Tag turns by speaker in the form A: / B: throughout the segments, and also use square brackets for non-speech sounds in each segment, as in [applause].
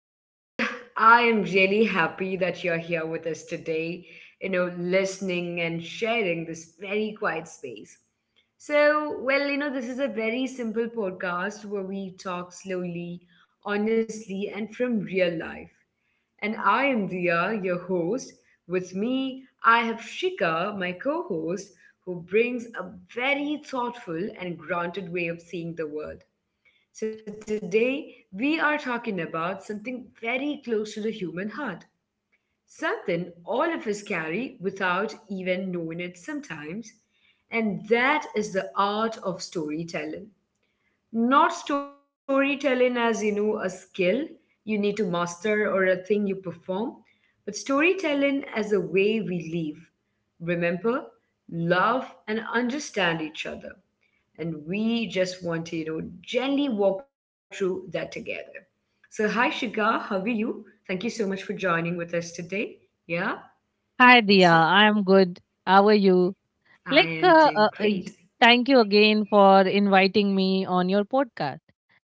A: Well, I am really happy that you're here with us today, listening and sharing this very quiet space. This is a very simple podcast where we talk slowly, honestly, and from real life. And I am Dia, your host. With me, I have Shika, my co host, who brings a very thoughtful and grounded way of seeing the world. So, today we are talking about something very close to the human heart, something all of us carry without even knowing it sometimes, and that is the art of storytelling. Not storytelling as a skill you need to master or a thing you perform, but storytelling as a way we live, remember, love, and understand each other, and we just wanted to gently walk through that together. So, hi Shika, how are you? Thank you so much for joining with us today. Yeah,
B: Hi, Dia.
A: so
B: I'm good. How are you?
A: I
B: Like,
A: am
B: uh, uh, uh,
A: doing great.
B: y- Thank you again for inviting me on your podcast,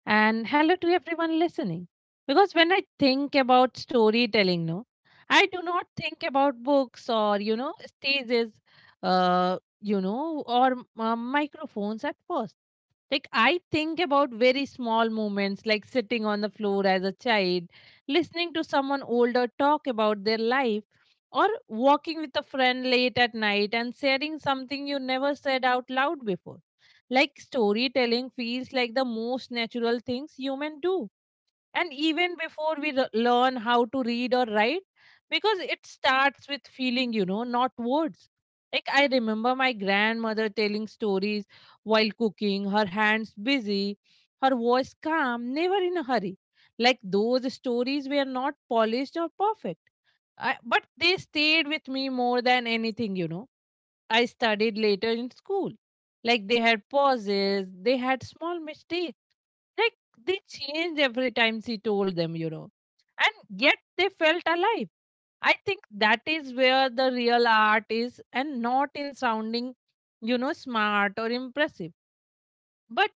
B: and hello to everyone listening. Because when I think about storytelling, no, I do not think about books or, you know, stages, or microphones at first. Like, I think about very small moments, like sitting on the floor as a child, listening to someone older talk about their life, or walking with a friend late at night and sharing something you never said out loud before. Like storytelling feels like the most natural things humans do. And even before we learn how to read or write, because it starts with feeling, you know, not words. Like I remember my grandmother telling stories while cooking, her hands busy, her voice calm, never in a hurry. Like those stories were not polished or perfect. I, but they stayed with me more than anything, you know, I studied later in school. Like they had pauses, they had small mistakes. Like they changed every time she told them, you know. And yet they felt alive. I think that is where the real art is, and not in sounding, you know, smart or impressive, but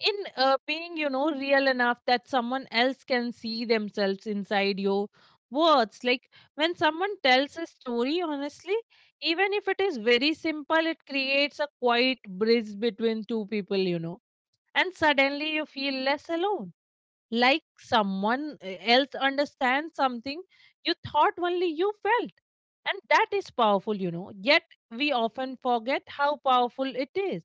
B: in being, you know, real enough that someone else can see themselves inside your words. Like when someone tells a story honestly, even if it is very simple, it creates a quiet bridge between two people, you know, and suddenly you feel less alone. Like someone else understands something you thought only you felt, and that is powerful, you know. Yet we often forget how powerful it is,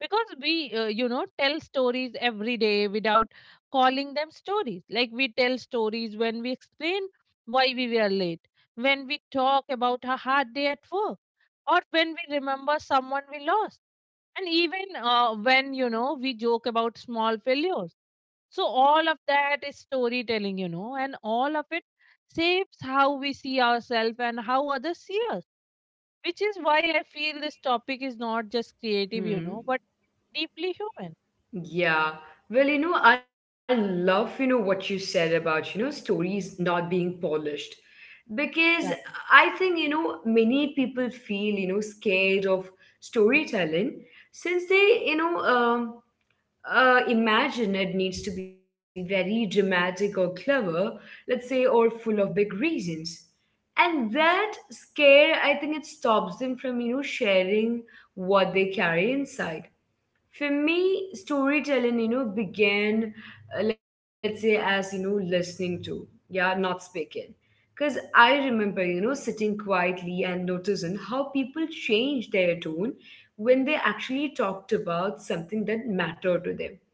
B: because we you know, tell stories every day without calling them stories. Like we tell stories when we explain why we were late, when we talk about a hard day at work, or when we remember someone we lost, and even when, you know, we joke about small failures. So all of that is storytelling, you know, and all of it shapes how we see ourselves and how others see us, which is why I feel this topic is not just creative, you know,
A: Hmm.
B: but deeply human.
A: Yeah. I love, what you said about, stories not being polished. Because
B: Yeah.
A: I think, many people feel, scared of storytelling since they, imagine it needs to be very dramatic or clever, let's say, or full of big reasons. And that scare, I think it stops them from, sharing what they carry inside. For me, storytelling, began, let's say, as, listening to, yeah, not speaking. Because I remember, sitting quietly and noticing how people changed their tone when they actually talked about something that mattered to them,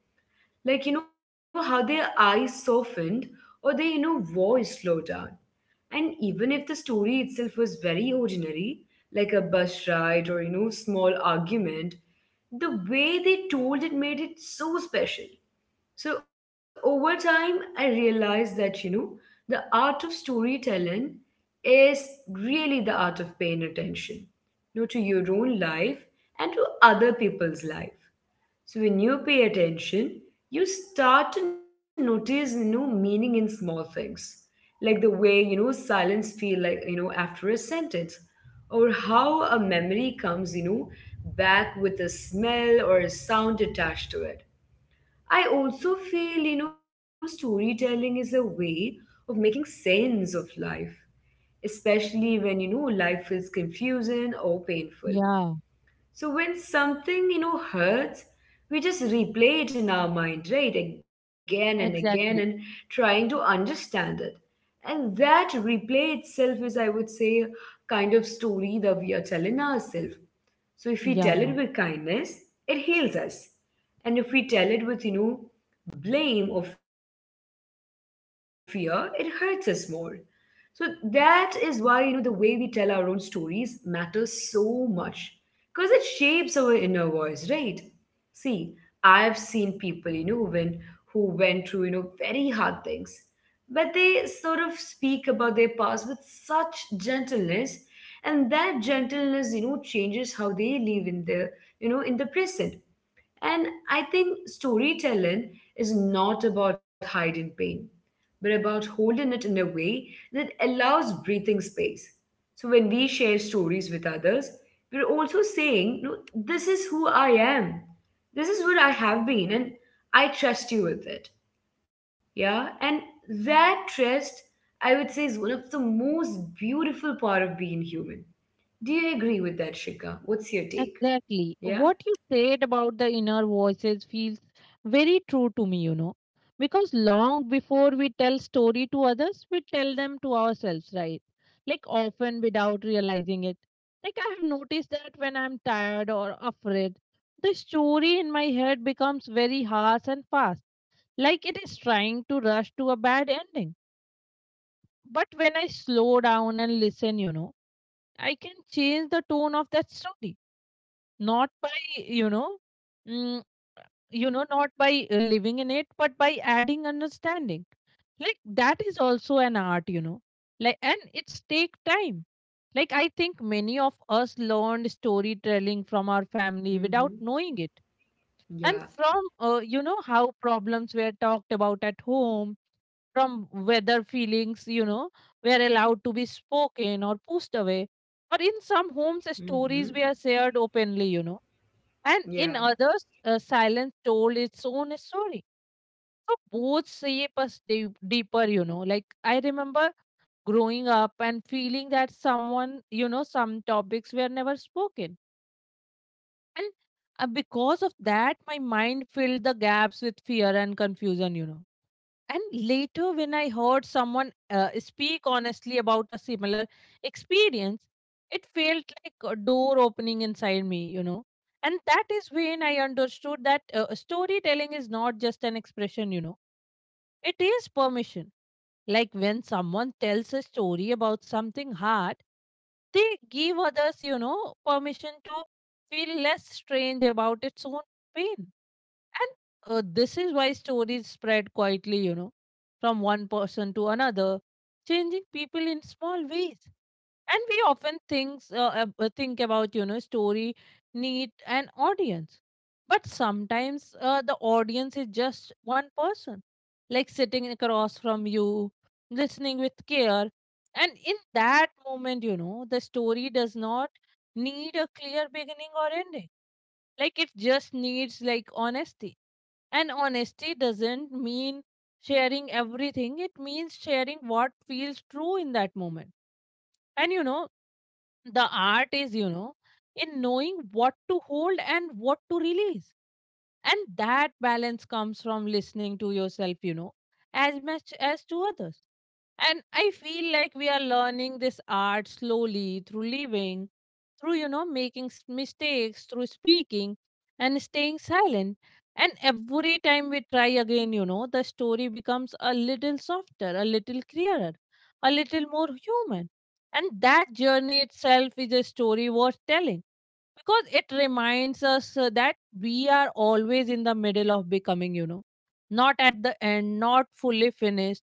A: like how their eyes softened or their voice slowed down. And even if the story itself was very ordinary, like a bus ride or small argument, the way they told it made it so special. So over time I realized that the art of storytelling is really the art of paying attention, to your own life and to other people's life. So when you pay attention, you start to notice meaning in small things, like the way silence feel like after a sentence, or how a memory comes back with a smell or a sound attached to it. I also feel storytelling is a way of making sense of life, especially when life feels confusing or painful.
B: Yeah,
A: So when something, hurts, we just replay it in our mind, right? Again and again, and
B: exactly.
A: trying to understand it. And that replay itself is, I would say, kind of story that we are telling ourselves. So if we tell it with kindness, it heals us. And if we tell it with, blame or fear, it hurts us more. So that is why, the way we tell our own stories matters so much, because it shapes our inner voice, right? See, I've seen people, you know when who went through very hard things, but they sort of speak about their past with such gentleness. And that gentleness changes how they live in the, in the present. And I think storytelling is not about hiding pain, but about holding it in a way that allows breathing space. So when we share stories with others, we're also saying, no, this is who I am. This is what I have been, and I trust you with it. Yeah. And that trust, I would say, is one of the most beautiful part of being human. Do you agree with that, Shika? What's your take?
B: Exactly.
A: Yeah?
B: What you said about the inner voices feels very true to me, you know. Because long before we tell story to others, we tell them to ourselves, right? Like often without realizing it. Like I have noticed that when I'm tired or afraid, the story in my head becomes very harsh and fast. Like it is trying to rush to a bad ending. But when I slow down and listen, you know, I can change the tone of that story, not by you know mm, not by living in it, but by adding understanding. Like that is also an art, you know. Like and it's take time. Like I think many of us learned storytelling from our family without
A: Mm-hmm.
B: knowing it, and
A: Yeah.
B: from you know, how problems were talked about at home, from whether feelings, you know, were allowed to be spoken or pushed away. Or in some homes, stories
A: Mm-hmm.
B: were shared openly, you know, and in
A: Yeah.
B: others, silence told its own story. So both shape us deep, deeper, you know. Like I remember growing up and feeling that someone, you know, some topics were never spoken, and because of that, my mind filled the gaps with fear and confusion, you know, and later when I heard someone speak honestly about a similar experience, it felt like a door opening inside me, you know. And that is when I understood that storytelling is not just an expression, you know, it is permission. Like when someone tells a story about something hard, they give others, you know, permission to feel less strange about its own pain. And this is why stories spread quietly, you know, from one person to another, changing people in small ways. And we often think, think about, you know, story need an audience. But sometimes the audience is just one person, like sitting across from you, listening with care. And in that moment, you know, the story does not need a clear beginning or ending. Like it just needs like honesty. And honesty doesn't mean sharing everything, it means sharing what feels true in that moment. And you know, the art is, you know, in knowing what to hold and what to release. And that balance comes from listening to yourself, you know, as much as to others. And I feel like we are learning this art slowly through living, through, you know, making mistakes, through speaking and staying silent. And every time we try again, you know, the story becomes a little softer, a little clearer, a little more human. And that journey itself is a story worth telling, because it reminds us that we are always in the middle of becoming, you know, not at the end, not fully finished,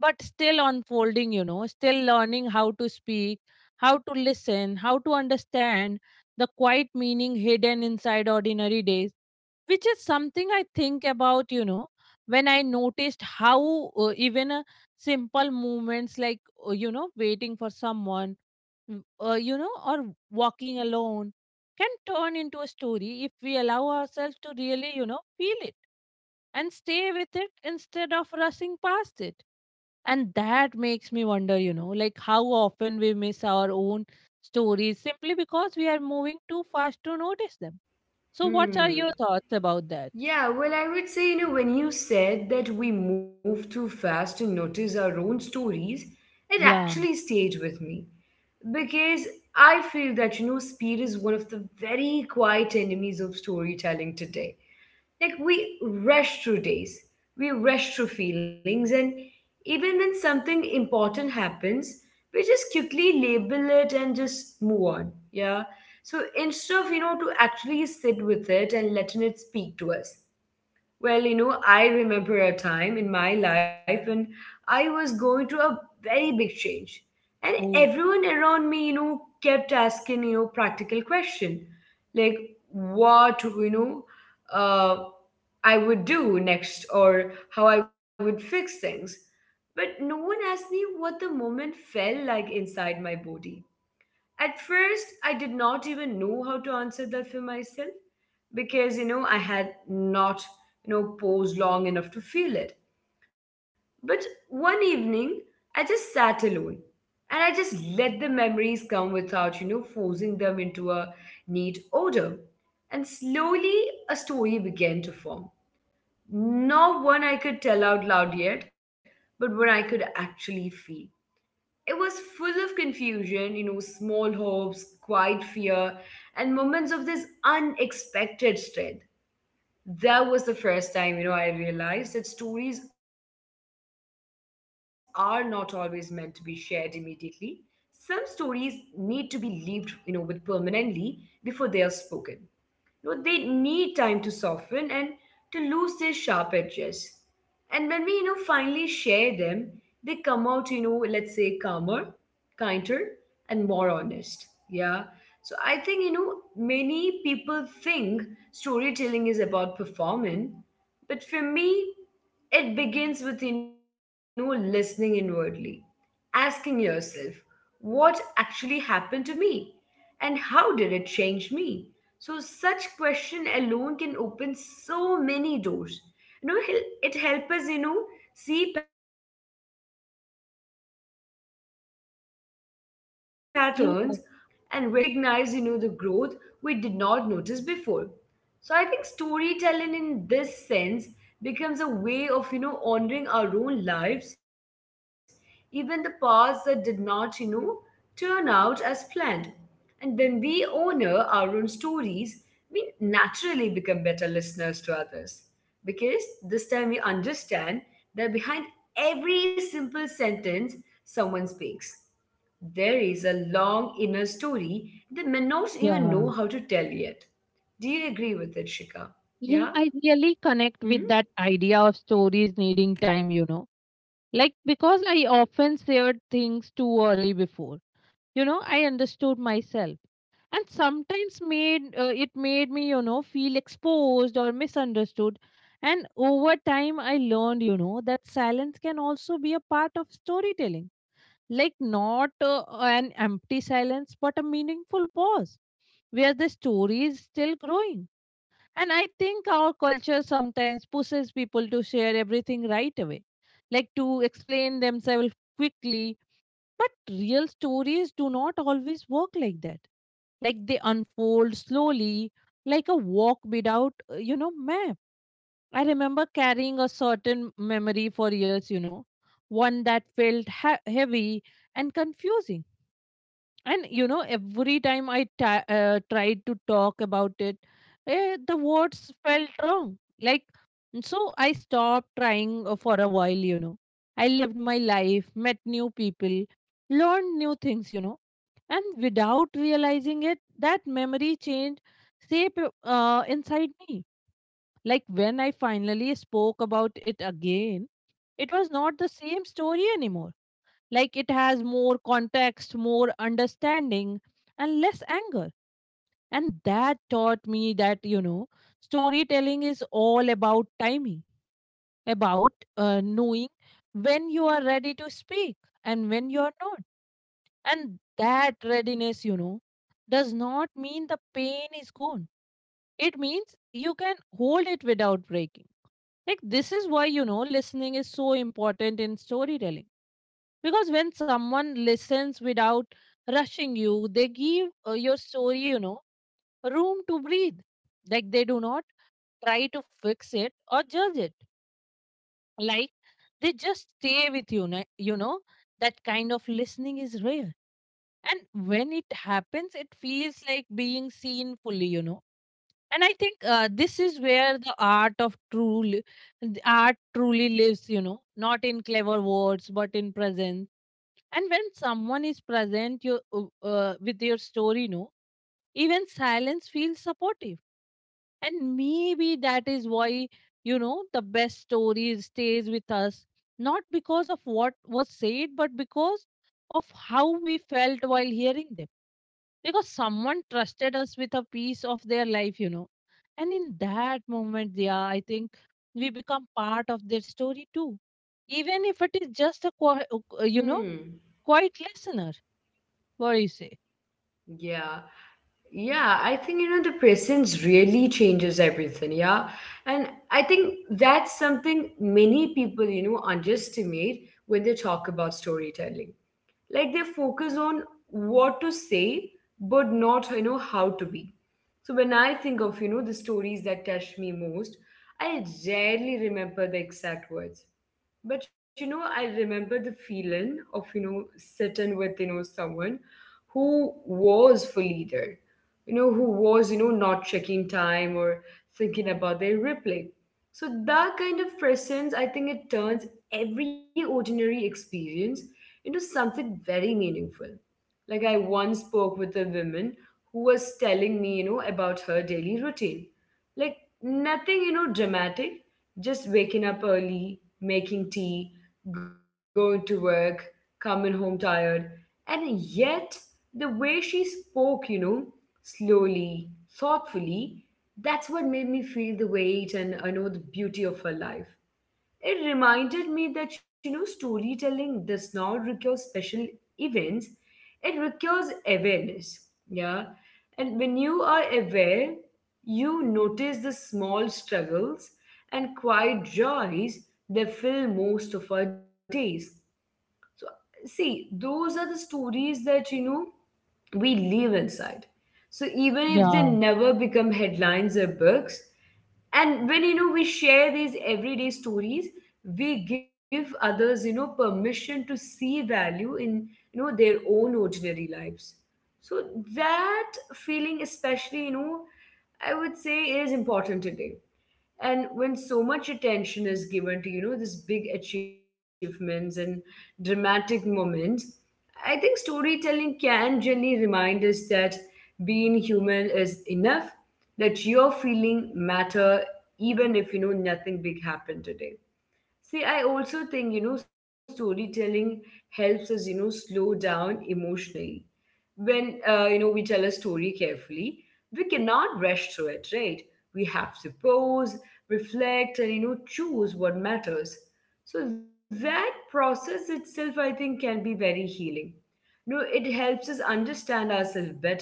B: but still unfolding, you know, still learning how to speak, how to listen, how to understand the quiet meaning hidden inside ordinary days. Which is something I think about, you know, when I noticed how even simple movements like, you know, waiting for someone, you know, or walking alone, can turn into a story if we allow ourselves to really, you know, feel it and stay with it instead of rushing past it. And that makes me wonder, you know, like how often we miss our own stories simply because we are moving too fast to notice them. So, what are
A: Hmm.
B: your thoughts about that?
A: Yeah, well, I would say, when you said that we move too fast to notice our own stories, it
B: Yeah.
A: actually stayed with me. Because I feel that, speed is one of the very quiet enemies of storytelling today. Like we rush through days, we rush through feelings, and even when something important happens, we just quickly label it and just move on. Yeah. So instead of, to actually sit with it and letting it speak to us. I remember a time in my life when I was going through a very big change. And
B: Oh,
A: everyone around me, kept asking, practical question like what, uh, I would do next or how I would fix things. But no one asked me what the moment felt like inside my body. At first, I did not even know how to answer that for myself because, I had not, paused long enough to feel it. But one evening, I just sat alone and I just let the memories come without, forcing them into a neat order. And slowly a story began to form. Not one I could tell out loud yet, but one I could actually feel. It was full of confusion, small hopes, quiet fear, and moments of this unexpected strength. That was the first time, I realized that stories are not always meant to be shared immediately. Some stories need to be lived, with permanently before they are spoken. No, they need time to soften and to lose their sharp edges. And when we, finally share them, they come out, let's say calmer, kinder, and more honest. Yeah. So I think, many people think storytelling is about performing, but for me, it begins with, listening inwardly, asking yourself, what actually happened to me? And how did it change me? So such question alone can open so many doors. It helps us, see patterns, understand why certain moments still hurt,
B: yeah.
A: and recognize the growth we did not notice before. So I think storytelling in this sense becomes a way of honoring our own lives, even the paths that did not turn out as planned. And when we honor our own stories, we naturally become better listeners to others, because this time we understand that behind every simple sentence someone speaks, there is a long inner story they may not even
B: Yeah.
A: know how to tell yet. Do you agree with it, Shika?
B: Yeah, I
A: Yeah?
B: really connect with that
A: Hmm?
B: idea of stories needing time, you know. Like, because I often shared things too early before, you know, I understood myself. And sometimes made it made me, you know, feel exposed or misunderstood. And over time, I learned, you know, that silence can also be a part of storytelling. Like, not an empty silence, but a meaningful pause where the story is still growing. And I think our culture sometimes pushes people to share everything right away, like to explain themselves quickly. But real stories do not always work like that. Like they unfold slowly, like a walk without, you know, map. I remember carrying a certain memory for years, you know, one that felt heavy and confusing, and you know, every time I tried to talk about it, the words felt wrong. Like, so I stopped trying for a while, you know. I lived my life, met new people, learned new things, you know, and without realizing it, that memory changed shape inside me. Like when I finally spoke about it again, it was not the same story anymore. Like it has more context, more understanding, and less anger. And that taught me that, you know, storytelling is all about timing, about knowing when you are ready to speak and when you are not. And that readiness, you know, does not mean the pain is gone. It means you can hold it without breaking. Like, this is why, you know, listening is so important in storytelling, because when someone listens without rushing you, they give your story, you know, room to breathe. Like they do not try to fix it or judge it. Like they just stay with you, you know. That kind of listening is rare, and when it happens, it feels like being seen fully, you know. And I think this is where the art truly lives, you know, not in clever words but in presence. And when someone is present your, with your story, no, even silence feels supportive. And maybe that is why, you know, the best story stays with us, not because of what was said, but because of how we felt while hearing them. Because someone trusted us with a piece of their life, you know. And in that moment, yeah, I think we become part of their story too. Even if it is just a, you know,
A: Hmm.
B: quiet listener. What do you say?
A: Yeah. Yeah, I think, the presence really changes everything. Yeah. And I think that's something many people, underestimate when they talk about storytelling. Like they focus on what to say, but not, how to be. So when I think of, the stories that touch me most, I rarely remember the exact words. But I remember the feeling of, sitting with, someone who was fully there. Who was, not checking time or thinking about their replay. So that kind of presence, I think it turns every ordinary experience into something very meaningful. Like I once spoke with a woman who was telling me, about her daily routine. Like nothing, dramatic, just waking up early, making tea, going to work, coming home tired. And yet, the way she spoke, slowly, thoughtfully, that's what made me feel the weight and I know the beauty of her life. It reminded me that, storytelling does not require special events, it requires awareness. Yeah. And when you are aware, you notice the small struggles and quiet joys that fill most of our days. See, those are the stories that, we live inside. So even if they
B: Yeah,
A: never become headlines or books, and when we share these everyday stories, we give others permission to see value in their own ordinary lives. So that feeling, especially I would say is important today, and when so much attention is given to these big achievements and dramatic moments, I think storytelling can gently remind us that being human is enough, that your feeling matter even if nothing big happened today. See, I also think storytelling helps us slow down emotionally. When we tell a story carefully, we cannot rush through it, right? We have to pause, reflect, and choose what matters. So that process itself I think can be very healing. It helps us understand ourselves better,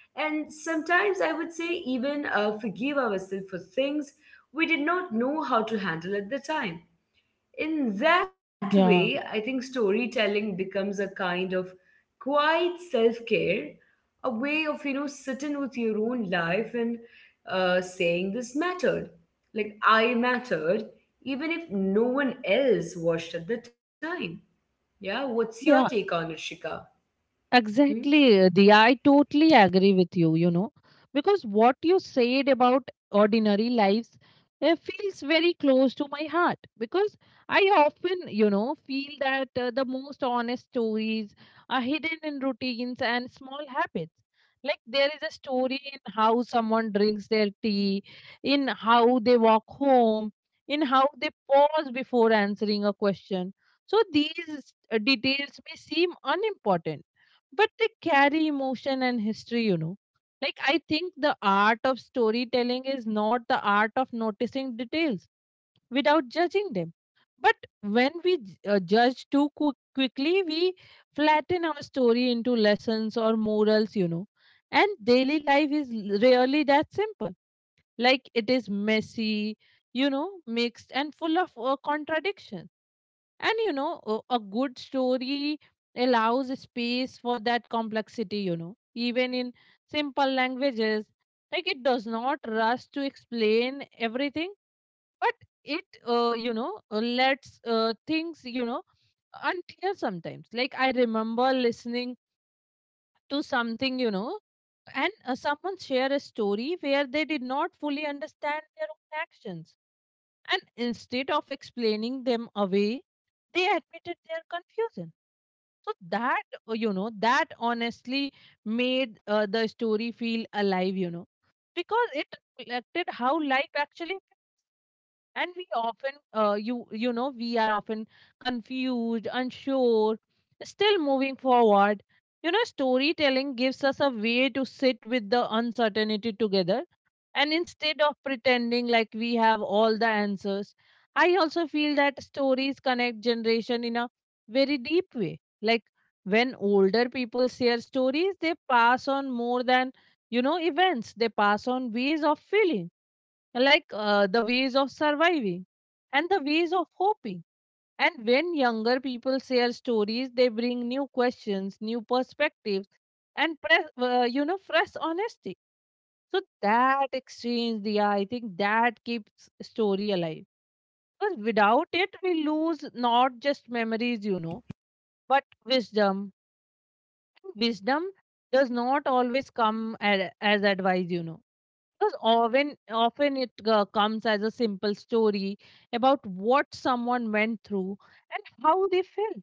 A: and sometimes I would say even forgive ourselves for things we did not know how to handle at the time. In that way,
B: yeah,
A: I think storytelling becomes a kind of quiet self care, a way of, sitting with your own life and saying this mattered. Like, I mattered, even if no one else watched at the time. Yeah, what's your take
B: yeah.
A: on it, Shika? Hmm.
B: Exactly, the I totally agree with you, you know, because what you said about ordinary lives feels very close to my heart, because I often, you know, feel that the most honest stories are hidden in routines and small habits. Like there is a story in how someone drinks their tea, in how they walk home, in how they pause before answering a question. So these details may seem unimportant but they carry emotion and history. Like I think the art of storytelling is not the art of noticing details without judging them, but when we judge too quickly we flatten our story into lessons or morals, you know. And daily life is really that simple. Like it is messy, you know, mixed and full of contradictions. And you know, a good story allows space for that complexity, you know, even in simple languages. Like it does not rush to explain everything, but it lets things, you know, unclear sometimes. Like I remember listening to something, you know, and someone shared a story where they did not fully understand their own actions. And instead of explaining them away, they admitted their confusion so that, you know, that honestly made the story feel alive, you know, because it reflected how life actually is. And we often, we are often confused, unsure, still moving forward. You know, storytelling gives us a way to sit with the uncertainty together, and instead of pretending like we have all the answers, I also feel that stories connect generation in a very deep way. Like when older people share stories, they pass on more than, you know, events. They pass on ways of feeling, like the ways of surviving and the ways of hoping. And when younger people share stories, they bring new questions, new perspectives, and press, fresh honesty, so that exchange, yeah, I think that keeps story alive. Because without it, we lose not just memories, you know, but wisdom. Wisdom does not always come as advice, you know. Because often, often it comes as a simple story about what someone went through and how they felt,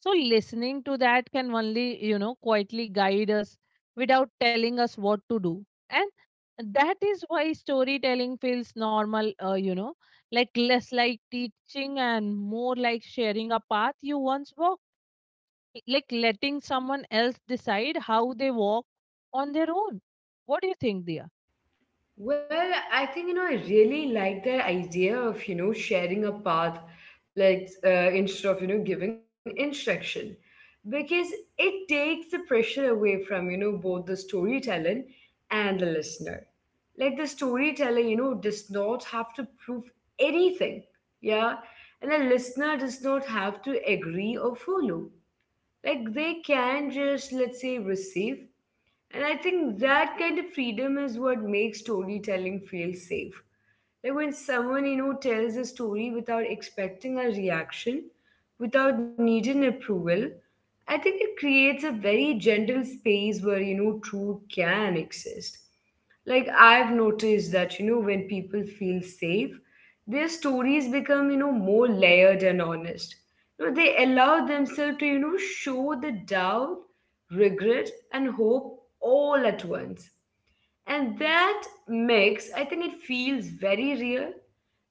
B: so listening to that can only, you know, quietly guide us without telling us what to do. And that is why storytelling feels normal, like less like teaching and more like sharing a path you once walked, like letting someone else decide how they walk on their own. What do you think, Dia?
A: Well, I think I really like that idea of sharing a path, like instead of giving instruction, because it takes the pressure away from both the storyteller and the listener. Like the storyteller, does not have to prove anything, yeah, and the listener does not have to agree or follow. Like they can just, let's say, receive, and I think that kind of freedom is what makes storytelling feel safe. Like when someone, tells a story without expecting a reaction, without needing approval, I think it creates a very gentle space where, truth can exist. Like I've noticed that when people feel safe, their stories become more layered and honest. They allow themselves to show the doubt, regret, and hope all at once, and that mix, I think, it feels very real.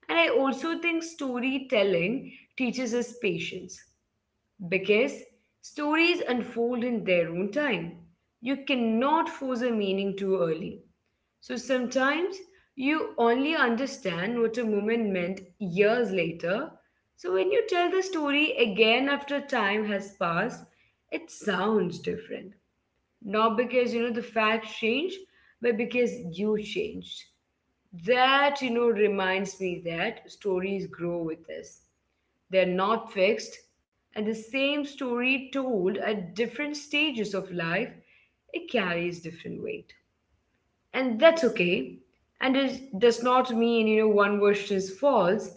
A: And I also think storytelling teaches us patience, because stories unfold in their own time. You cannot force a meaning too early, so sometimes you only understand what a moment meant years later. So when you tell the story again after time has passed, it sounds different. Not because the facts change, but because you changed. That reminds me that stories grow with us. They're not fixed, and the same story told at different stages of life, it carries different weight, and that's okay. And it does not mean one version is false.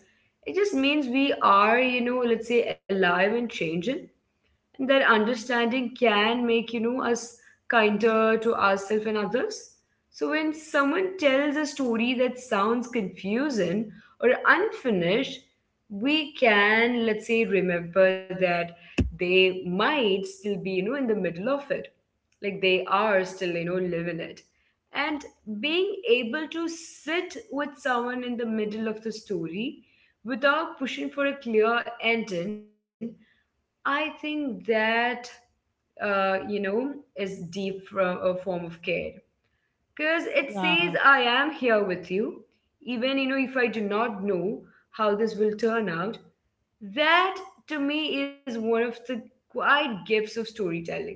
A: It just means we are, let's say, alive and changing, and that understanding can make us kinder to ourselves and others. So when someone tells a story that sounds confusing or unfinished, we can, let's say, remember that they might still be, in the middle of it. Like they are still, living it. And being able to sit with someone in the middle of the story without pushing for a clear ending, I think that is deep from a form of care, because it says
B: Yeah,
A: I am here with you, even if I do not know how this will turn out. That, to me, is one of the quiet gifts of storytelling.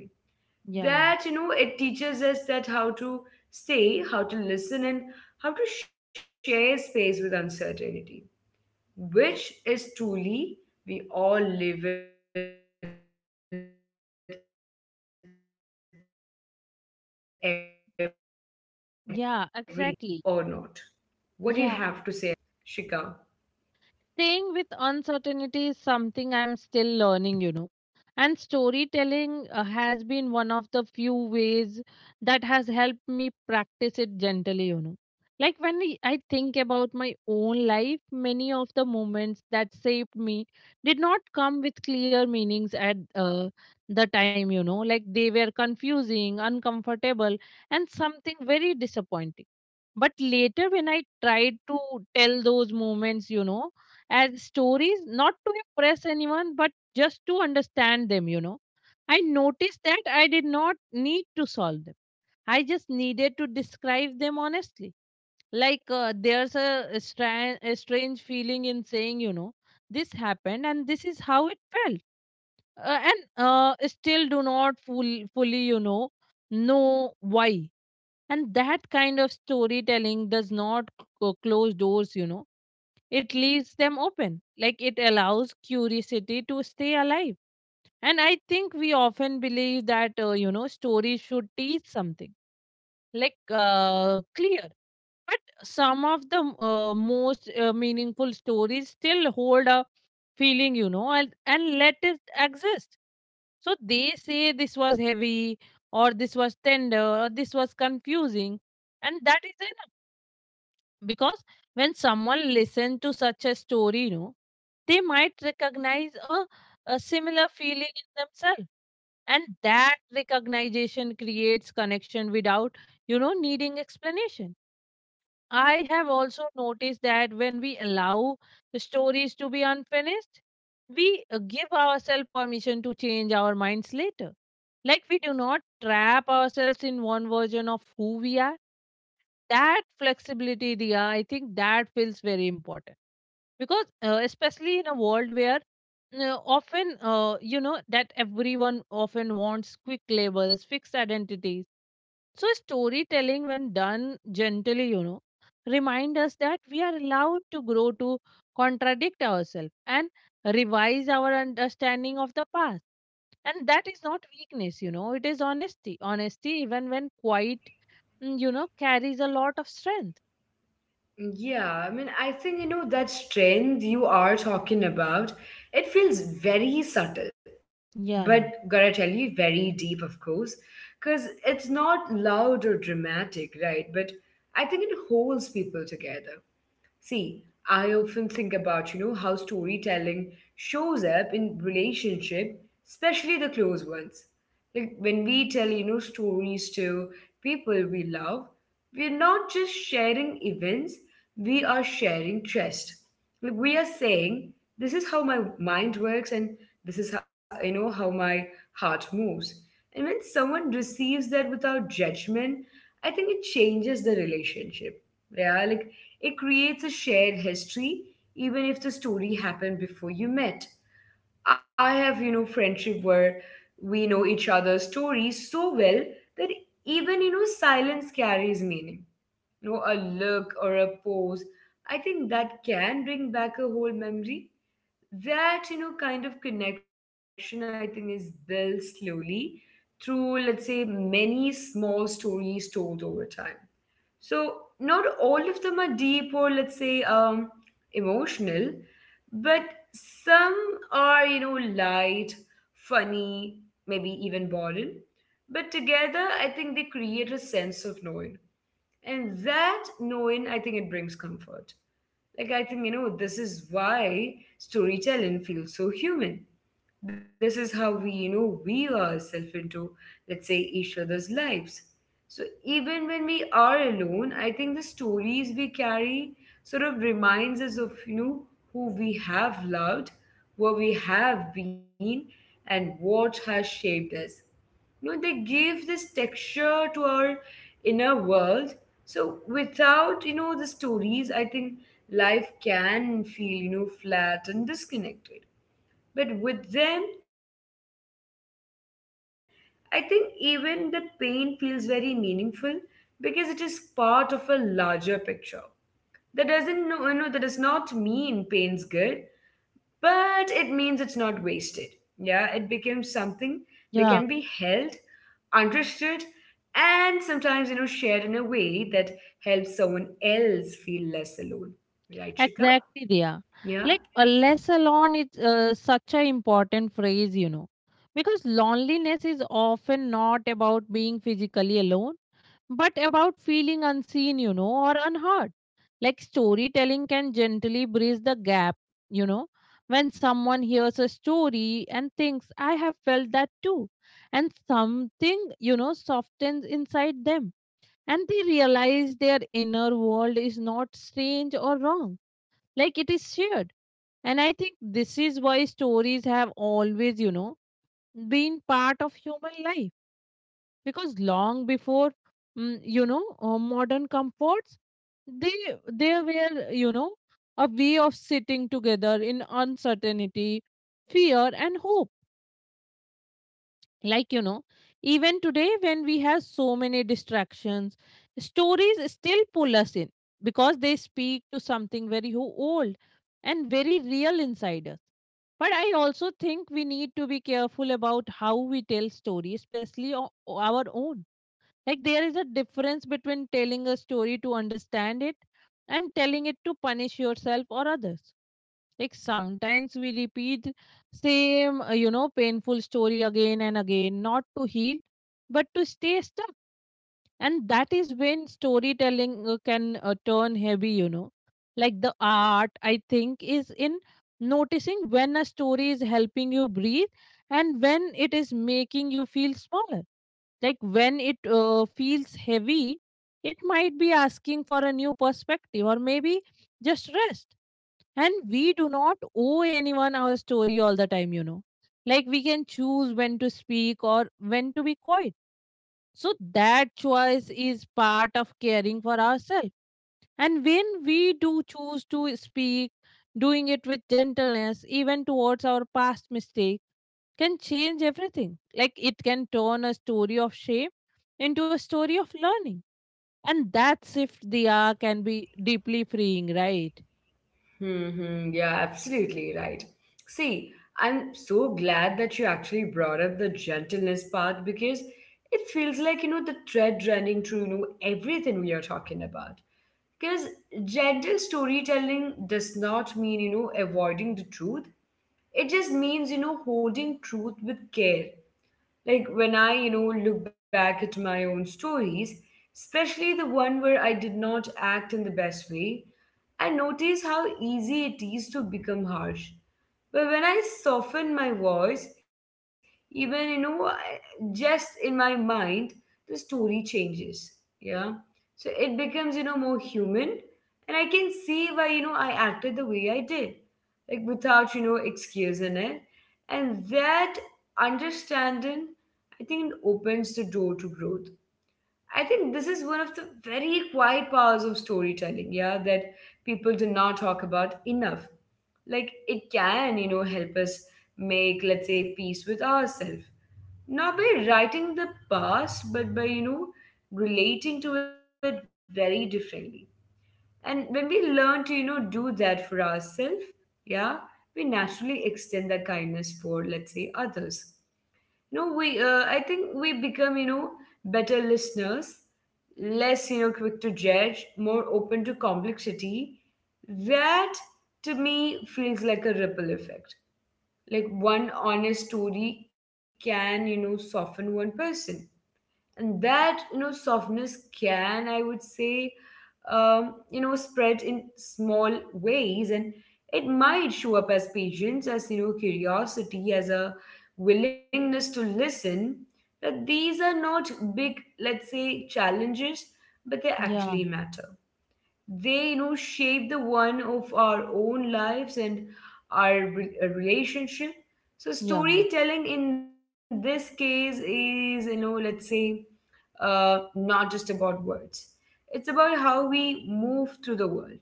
B: yeah,
A: That it teaches us that how to stay, how to listen, and how to share space with uncertainty, which is truly we all live with every day, either I mean whether we talk about it or not. What do you have to say
B: yeah,
A: about it,
B: exactly.
A: Shika?
B: Yeah. Staying with uncertainty is something I'm still learning, you know. And storytelling has been one of the few ways that has helped me practice it gently, you know. Like when I think about my own life, many of the moments that shaped me did not come with clear meanings at the time, you know. Like they were confusing, uncomfortable, and something very disappointing. But later, when I tried to tell those moments, you know, as stories, not to impress anyone, but just to understand them, you know. I noticed that I did not need to solve them. I just needed to describe them honestly. Like there's a strange feeling in saying, you know, this happened and this is how it felt. And still do not fully, you know why. And that kind of storytelling does not close doors, you know, it leaves them open. Like it allows curiosity to stay alive. And I think we often believe that, you know, stories should teach something, like clear. But some of the most meaningful stories still hold a feeling, you know, and let it exist. So they say this was heavy, or this was tender, or this was confusing, and that is enough. Because when someone listens to such a story, you know, they might recognize a similar feeling in themselves, and that recognition creates connection without, you know, needing explanation. I have also noticed that when we allow the stories to be unfinished, we give ourselves permission to change our minds later. Like we do not trap ourselves in one version of who we are. That flexibility, Dia, I think that feels very important, because especially in a world where often you know that everyone often wants quick labels, fixed identities. So storytelling, when done gently, you know, remind us that we are allowed to grow, to contradict ourselves and revise our understanding of the past. And that is not weakness, you know, it is honesty. Honesty, even when quiet, you know, carries a lot of strength.
A: Yeah, I mean, I think that strength you are talking about, it feels very subtle,
B: Yeah,
A: but gotta tell you, very deep, of course, because it's not loud or dramatic, right? But I think it holds people together. See, I often think about, how storytelling shows up in relationship, especially the close ones. Like when we tell, stories to people we love, we're not just sharing events, we are sharing trust. Like we are saying, this is how my mind works, and this is how my heart moves. And when someone receives that without judgment, I think it changes the relationship. Yeah, like it creates a shared history, even if the story happened before you met. I have, friendship where we know each other's stories so well that even, silence carries meaning. A look or a pose. I think that can bring back a whole memory. That, kind of connection, I think, is built slowly through, let's say, many small stories told over time. So not all of them are deep, or, let's say, emotional, but some are, light, funny, maybe even boring. But together, I think they create a sense of knowing, and that knowing, I think, it brings comfort. Like, I think, this is why storytelling feels so human. This is how we, weave ourselves into, let's say, each other's lives. So even when we are alone, I think the stories we carry sort of reminds us of, who we have loved, where we have been, and what has shaped us. They give this texture to our inner world. So without, the stories, I think life can feel, flat and disconnected, but with them, I think even the pain feels very meaningful, because it is part of a larger picture. That doesn't know, you know, that does not mean pain's good, but it means it's not wasted. Yeah, it becomes something that can be held,
B: yeah,
A: understood, and sometimes, shared in a way that helps someone else feel less alone. Right, Shika? Yeah.
B: exactly, Dia. Like, alas alone is such an important phrase, you know, because loneliness is often not about being physically alone, but about feeling unseen, you know, or unheard. Like, storytelling can gently bridge the gap, you know, when someone hears a story and thinks, I have felt that too, and something, you know, softens inside them, and they realize their inner world is not strange or wrong. Like it is shared. And I think this is why stories have always, you know, been part of human life. Because long before, modern comforts, they they were, you know, a way of sitting together in uncertainty, fear and hope. Like, you know, even today when we have so many distractions, stories still pull us in, because they speak to something very old and very real inside us. But I also think we need to be careful about how we tell stories, especially our own. Like there is a difference between telling a story to understand it and telling it to punish yourself or others. Like sometimes we repeat same, you know, painful story again and again, not to heal, but to stay stuck. And that is when storytelling can turn heavy, you know. Like the art, I think, is in noticing when a story is helping you breathe and when it is making you feel smaller. Like when it feels heavy, it might be asking for a new perspective, or maybe just rest. And we do not owe anyone our story all the time, you know. Like we can choose when to speak or when to be quiet. So that choice is part of caring for ourselves. And when we do choose to speak, doing it with gentleness, even towards our past mistake, can change everything. Like it can turn a story of shame into a story of learning. And that shift the hour can be deeply freeing, right?
A: Mm-hmm. Yeah, absolutely right. See, I'm so glad that you actually brought up the gentleness part, because it feels like, the thread running through, everything we are talking about. Because gentle storytelling does not mean, avoiding the truth. It just means, holding truth with care. Like when I, look back at my own stories, especially the one where I did not act in the best way, and notice how easy it is to become harsh. But when I soften my voice, even just in my mind, the story changes. Yeah, so it becomes, more human, and I can see why, I acted the way I did, like without, excuse in it, and that understanding, I think, it opens the door to growth. I think this is one of the very quiet powers of storytelling, yeah, that people do not talk about enough. Like it can, help us make, let's say, peace with ourselves. Not by writing the past, but by, relating to it very differently. And when we learn to, do that for ourselves, yeah, we naturally extend that kindness for, let's say, others. No, we. I think we become, better listeners, less, quick to judge, more open to complexity. That, to me, feels like a ripple effect. Like one honest story can, soften one person, and that, softness can, I would say, spread in small ways, and it might show up as patience, as, curiosity, as a willingness to listen. That these are not big, let's say, challenges, but they
B: Yeah,
A: actually matter. They, shape the one of our own lives, and our relationship. So
B: yeah,
A: storytelling, in this case, is, let's say, not just about words. It's about how we move through the world,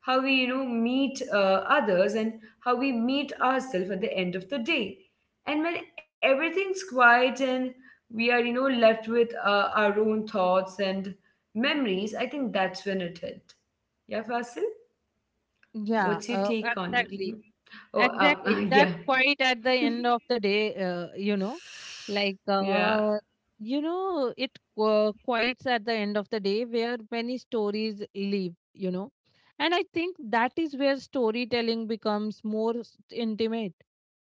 A: how we, meet others, and how we meet ourselves at the end of the day. And when everything's quiet and we are, left with our own thoughts and memories, I think that's when it hit. Yeah, Fasil,
B: yeah,
A: what's your take on it?
B: exactly.
A: Mhm. Oh,
B: Exactly.
A: [laughs] yeah,
B: That's quite at the end of the day, you know, like,
A: [laughs] yeah.
B: you know, it quiets at the end of the day where many stories leave, you know. And I think that is where storytelling becomes more intimate,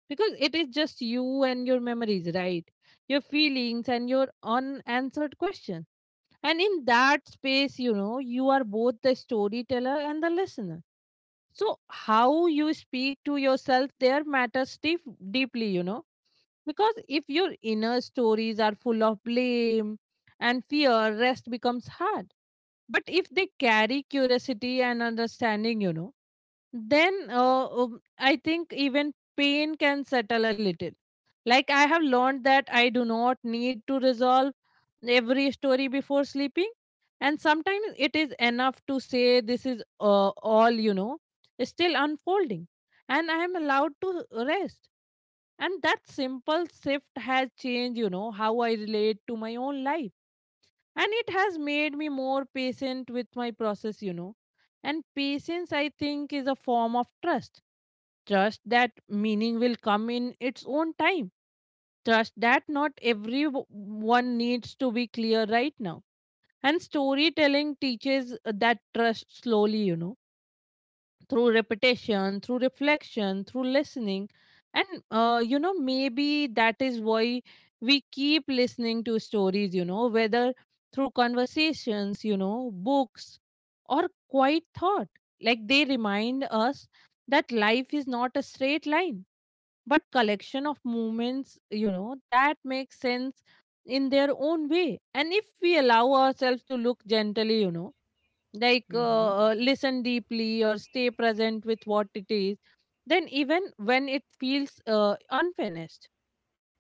B: because it is just you and your memories, right? Your feelings and your unanswered questions. And in that space, you know, you are both the storyteller and the listener. So how you speak to yourself there matters deep, deeply, you know. Because if your inner stories are full of blame and fear, rest becomes hard. But if they carry curiosity and understanding, you know, then I think even pain can settle a little. Like I have learned that I do not need to resolve every story before sleeping, and sometimes it is enough to say this is all, you know, is still unfolding, and I am allowed to rest. And that simple shift has changed, you know, how I relate to my own life. And it has made me more patient with my process, you know. And patience, I think, is a form of trust. Trust that meaning will come in its own time. Trust that not everyone needs to be clear right now. And storytelling teaches that trust slowly, you know, through repetition, through reflection, through listening. And, you know, maybe that is why we keep listening to stories, you know, whether through conversations, you know, books, or quiet thought. Like they remind us that life is not a straight line, but collection of movements, you know, that makes sense in their own way. And if we allow ourselves to look gently, you know, like
A: Mm-hmm.
B: listen deeply or stay present with what it is, then even when it feels unfinished.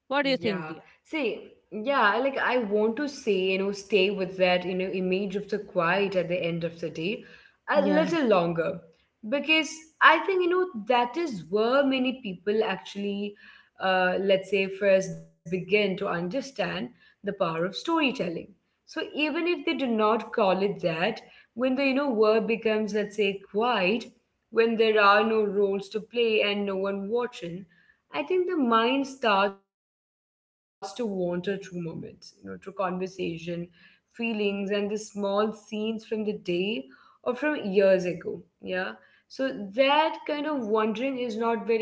B: What do you
A: Yeah.
B: think, Dia?
A: See, yeah, like I want to say, stay with that, image of the quiet at the end of the day a
B: Yeah,
A: little longer. Because I think, that is where many people actually, let's say, first begin to understand the power of storytelling. So even if they do not call it that, when the, world becomes, let's say, quiet, when there are no roles to play and no one watching, I think the mind starts to wander through moments, through conversation, feelings, and the small scenes from the day or from years ago. Yeah. So that kind of wandering is not very random,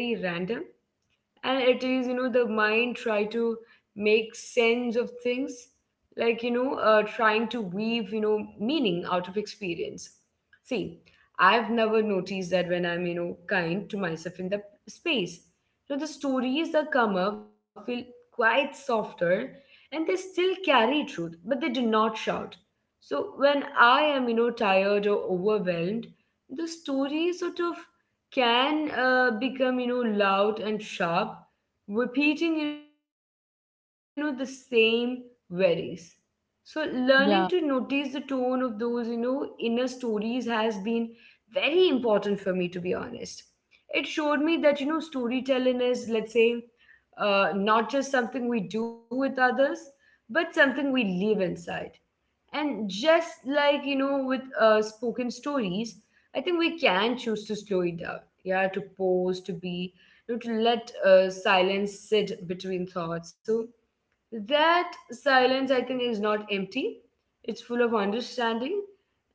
A: and it is, the mind try to make sense of things, like, trying to weave, meaning out of experience. See, I've never noticed that when I'm, kind to myself in the space, the stories that come up feel quite softer, and they still carry truth, but they do not shout. So when I am, tired or overwhelmed, the story sort of can become, loud and sharp, repeating, the same worries. So learning to notice the tone
B: yeah,
A: of those, inner stories has been very important for me, to be honest. It showed me that, storytelling is, let's say, not just something we do with others, but something we live inside. And just like, with spoken stories, I think we can choose to slow it down. Yeah, to pause, to be, to let silence sit between thoughts. So that silence, I think, is not empty, it's full of understanding.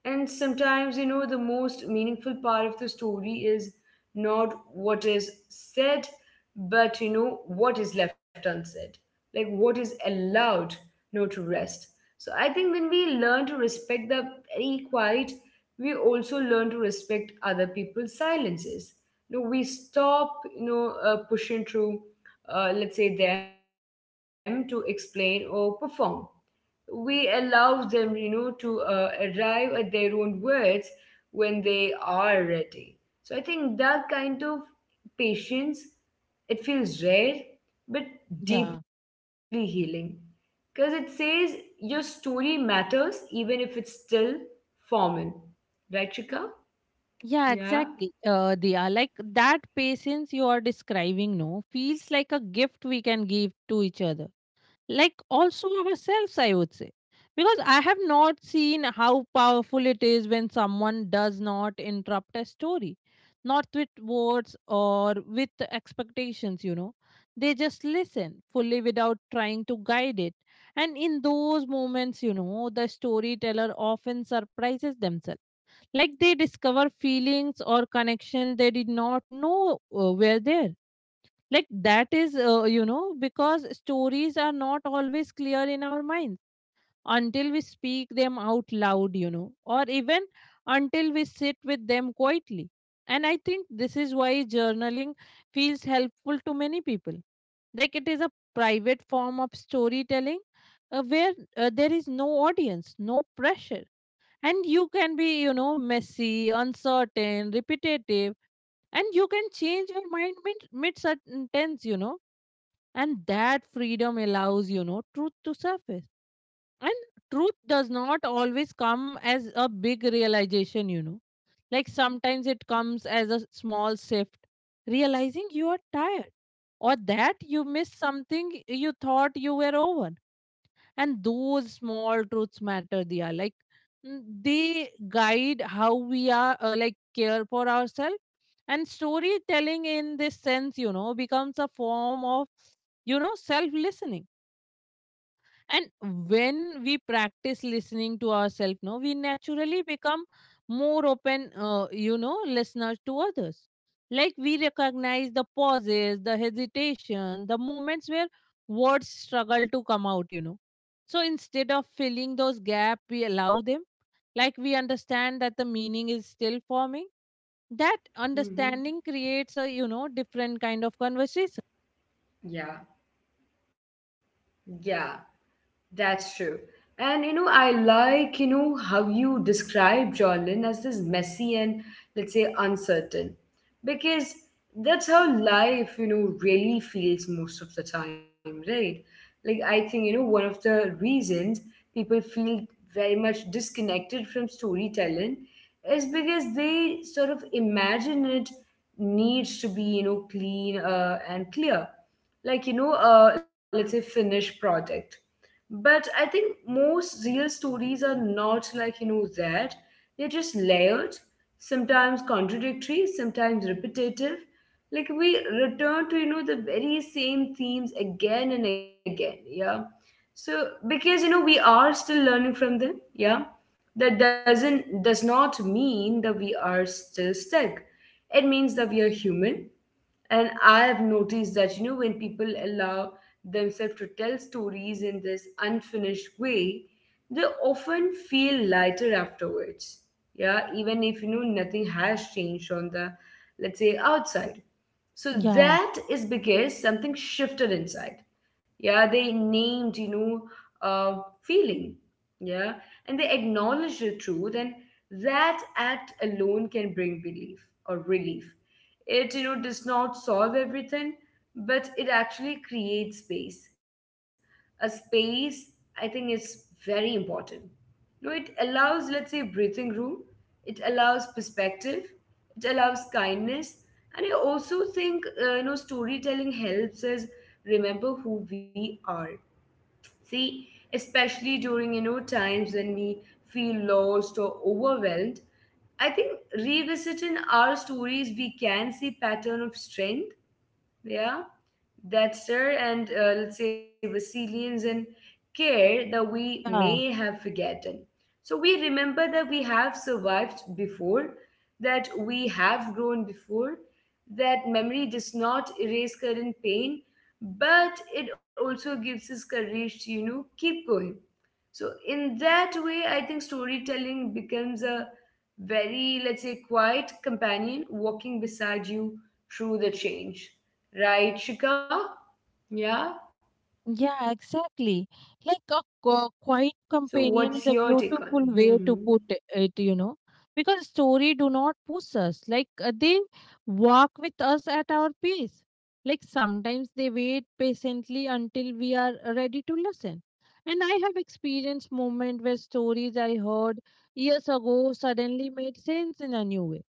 A: And sometimes, you know, the most meaningful part of the story is not what is said, but, you know, what is left unsaid, like what is allowed, you know, to rest. So I think when we learn to respect the very quiet, we also learn to respect other people's silences. You know, we stop, pushing through, let's say, them to explain or perform. We allow them, you know, to arrive at their own words when they are ready. So I think that kind of patience, it feels rare but deeply
B: yeah,
A: healing, because it says your story matters even if it's still formal. Right, Chika? Yeah.
B: yeah, exactly. Dia, like that patience you are describing, no, feels like a gift we can give to each other. Like also ourselves I would say, because I have not seen how powerful it is when someone does not interrupt a story, not with words or with expectations, they just listen fully without trying to guide it. And in those moments, the storyteller often surprises themselves. Like they discover feelings or connection they did not know were there. Like that is, because stories are not always clear in our minds until we speak them out loud, or even until we sit with them quietly. And I think this is why journaling feels helpful to many people. Like it is a private form of storytelling, where there is no audience, no pressure. And you can be, you know, messy, uncertain, repetitive. And you can change your mind mid sentence, you know. And that freedom allows, truth to surface. And truth does not always come as a big realization, you know. Like sometimes it comes as a small shift, realizing you are tired, or that you missed something you thought you were over. And those small truths matter. They are like, they guide how we are, like, care for ourselves. And storytelling in this sense, you know, becomes a form of, you know, self listening. And when we practice listening to ourselves, no, we naturally become more open, you know, listeners to others. Like we recognize the pauses, the hesitation, the moments where words struggle to come out, you know. So instead of filling those gaps, we allow them. Like we understand that the meaning is still forming. That
A: hmm
B: understanding creates a, you know, different kind of conversation.
A: yeah. Yeah, that's true. And you know, I like, you know, how you describe Jordan as this messy and, let's say, uncertain. Because that's how life, you know, really feels most of the time, right? Like I think, you know, one of the reasons people feel very much disconnected from storytelling is because they sort of imagine it needs to be, you know, clean and clear. Like, you know, let's say, finished product. But I think most real stories are not like, you know, that. They're just layered, sometimes contradictory, sometimes repetitive. Like we return to, you know, the very same themes again and again. Yeah. So because, you know, we are still learning from them. Yeah. That doesn't, does not mean that we are still stuck. It means that we are human. And I have noticed that, you know, when people allow themselves to tell stories in this unfinished way, they often feel lighter afterwards. Yeah, even if, you know, nothing has changed on the, let's say, outside. So
B: Yeah,
A: that is because something shifted inside. Yeah, they named, you know, feeling. Yeah. And they acknowledge the truth, and that act alone can bring belief or relief. It, you know, does not solve everything, but it actually creates space. A space, I think, is very important. No, it allows, let's say, breathing room. It allows perspective. It allows kindness. And I also think, you know, storytelling helps us remember who we are. See, especially during, you know, times when we feel lost or overwhelmed, I think revisiting our stories, we can see pattern of strength, yeah, that's her, and, let's say, resilience and care that we
B: yeah.
A: may have forgotten. So we remember that we have survived before, that we have grown before, that memory does not erase current pain, but it also gives us courage to, you know, keep going. So in that way, I think storytelling becomes a very, let's say, quiet companion walking beside you through the change. Right, Shika? Yeah? So
B: Yeah,
A: what's your
B: exactly.
A: take on it?
B: Like a
A: Hmm.
B: quiet companion is a beautiful way to put it, you know, because story do not push us. Like they walk with us at our pace. Like sometimes they wait patiently until we are ready to listen. And I have experienced moment where stories I heard years ago suddenly made sense in a new way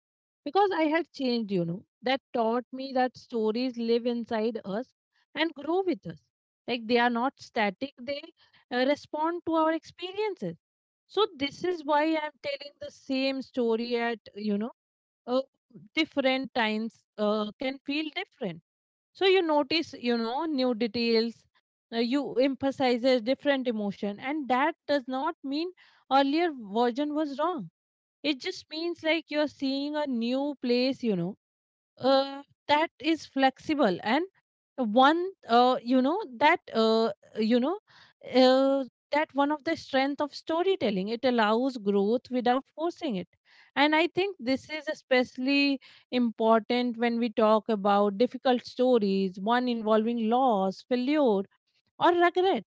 B: because I had changed, you know. That taught me that stories live inside us and grow with us. Like they are not static, they respond to our experiences. So this is why I'm telling the same story at, you know, uh, different times can feel different. So you notice, you know, new details, you emphasizes different emotion. And that does not mean earlier version was wrong. It just means like you're seeing a new place, you know, uh, that is flexible. And one you know uh, that one of the strength of storytelling, it allows growth without forcing it. And I think this is especially important when we talk about difficult stories, one involving loss, failure, or regret.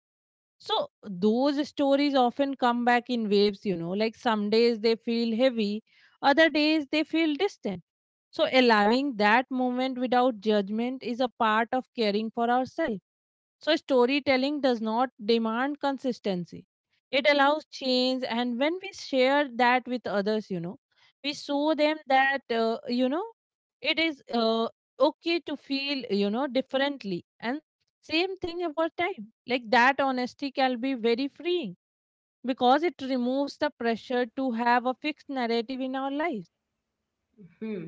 B: So those stories often come back in waves, you know, like some days they feel heavy, other days they feel distant. So allowing that moment without judgment is a part of caring for ourselves. So, storytelling does not demand consistency, it allows change. And when we share that with others, you know, we show them that, it is, okay to feel, you know, differently. And same thing about time. Like that honesty can be very freeing because it removes the pressure to have a fixed narrative in our lives.
A: Hmm. hmm.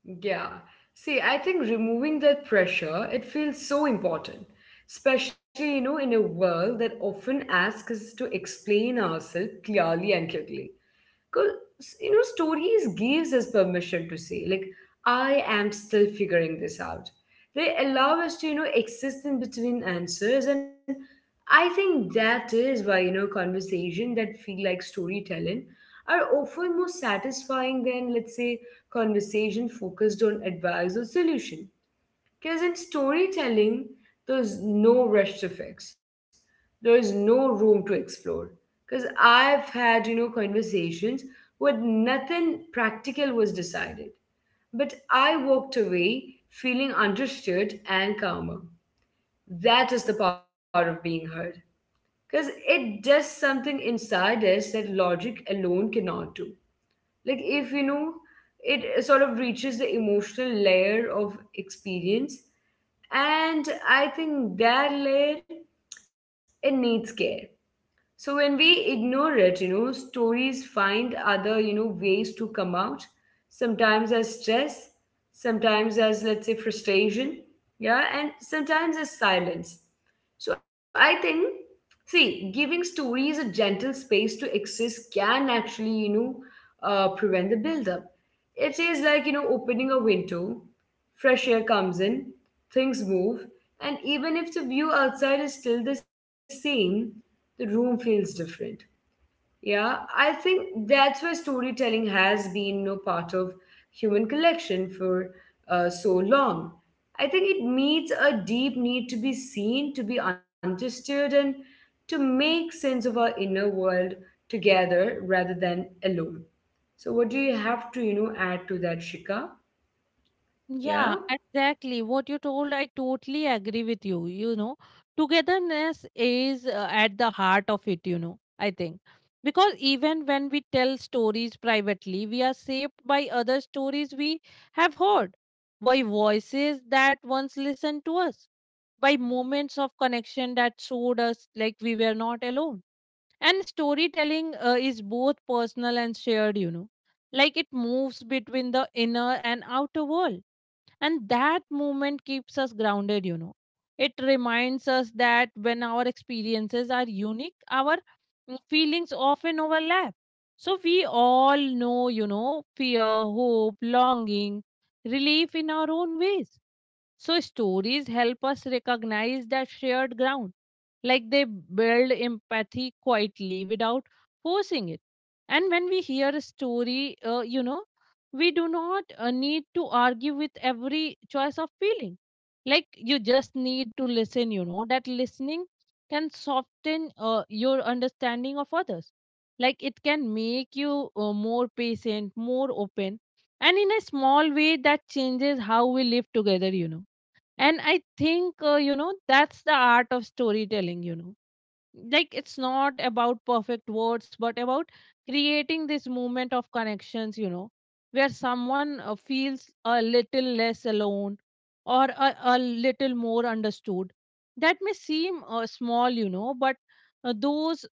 A: Yeah. See, I think removing that pressure, it feels so important. Especially, you know, in a world that often asks us to explain ourselves clearly and quickly. Because, you know, stories gives us permission to say, like, I am still figuring this out. They allow us to, you know, exist in between answers. And I think that is why, you know, conversation that feel like storytelling are often more satisfying than, let's say, conversation focused on advice or solution. Because in storytelling, there's no rush to fix. There is no room to explore. Because I've had, you know, conversations where nothing practical was decided. But I walked away feeling understood and calmer. That is the power of being heard. Because it does something inside us that logic alone cannot do. Like, if, you know, it sort of reaches the emotional layer of experience, and I think that layer, it needs care. So when we ignore it, you know, stories find other, you know, ways to come out. Sometimes as stress, sometimes as, let's say, frustration, yeah, and sometimes as silence. So I think, see, giving stories a gentle space to exist can actually, you know, prevent the buildup. It is like, you know, opening a window, fresh air comes in, things move, and even if the view outside is still the same, the room feels different. Yeah, I think that's why storytelling has been no part of human collection for so long. I think it meets a deep need to be seen, to be understood, and to make sense of our inner world together rather than alone. So, what do you have to, you know, add to that, Shika? Yeah.
B: Yeah, exactly. What you told, I totally agree with you, you know. Togetherness is, at the heart of it, you know, I think. Because even when we tell stories privately, we are shaped by other stories we have heard, by voices that once listened to us, by moments of connection that showed us like we were not alone. And storytelling is both personal and shared, you know. Like it moves between the inner and outer world, and that movement keeps us grounded, you know. It reminds us that when our experiences are unique, our feelings often overlap. So we all know, you know, fear, hope, longing, relief in our own ways. So stories help us recognize that shared ground. Like they build empathy quietly without forcing it. And when we hear a story, you know, we do not need to argue with every choice of feeling. Like you just need to listen, you know. That listening can soften your understanding of others. Like it can make you more patient, more open. And in a small way, that changes how we live together, you know. And I think, that's the art of storytelling, you know. Like it's not about perfect words, but about creating this moment of connections, you know, where someone feels a little less alone, or a little more understood. That may seem small, you know, but those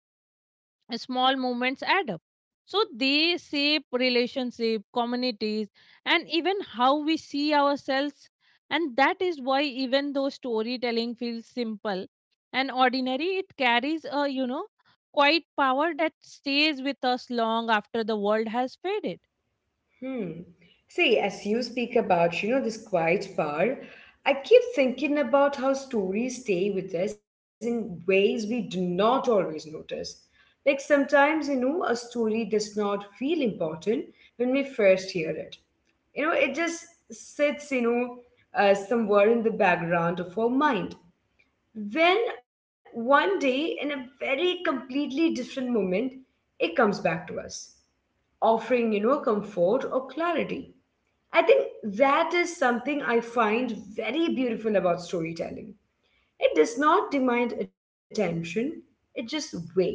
B: small movements add up. So they shape relationship, communities, and even how we see ourselves. And that is why, even though storytelling feels simple and ordinary, it carries a, you know, quite power that stays with us long after the world has faded.
A: Hmm. See, as you speak about, you know, this quiet power, I keep thinking about how stories stay with us in ways we do not always notice. Like sometimes, you know, a story does not feel important when we first hear it. You know, it just sits, you know, somewhere in the background of our mind. Then one day, in a very completely different moment, it comes back to us, offering, you know, comfort or clarity. I think that is something I find very beautiful about storytelling. It does not demand attention, it just waits.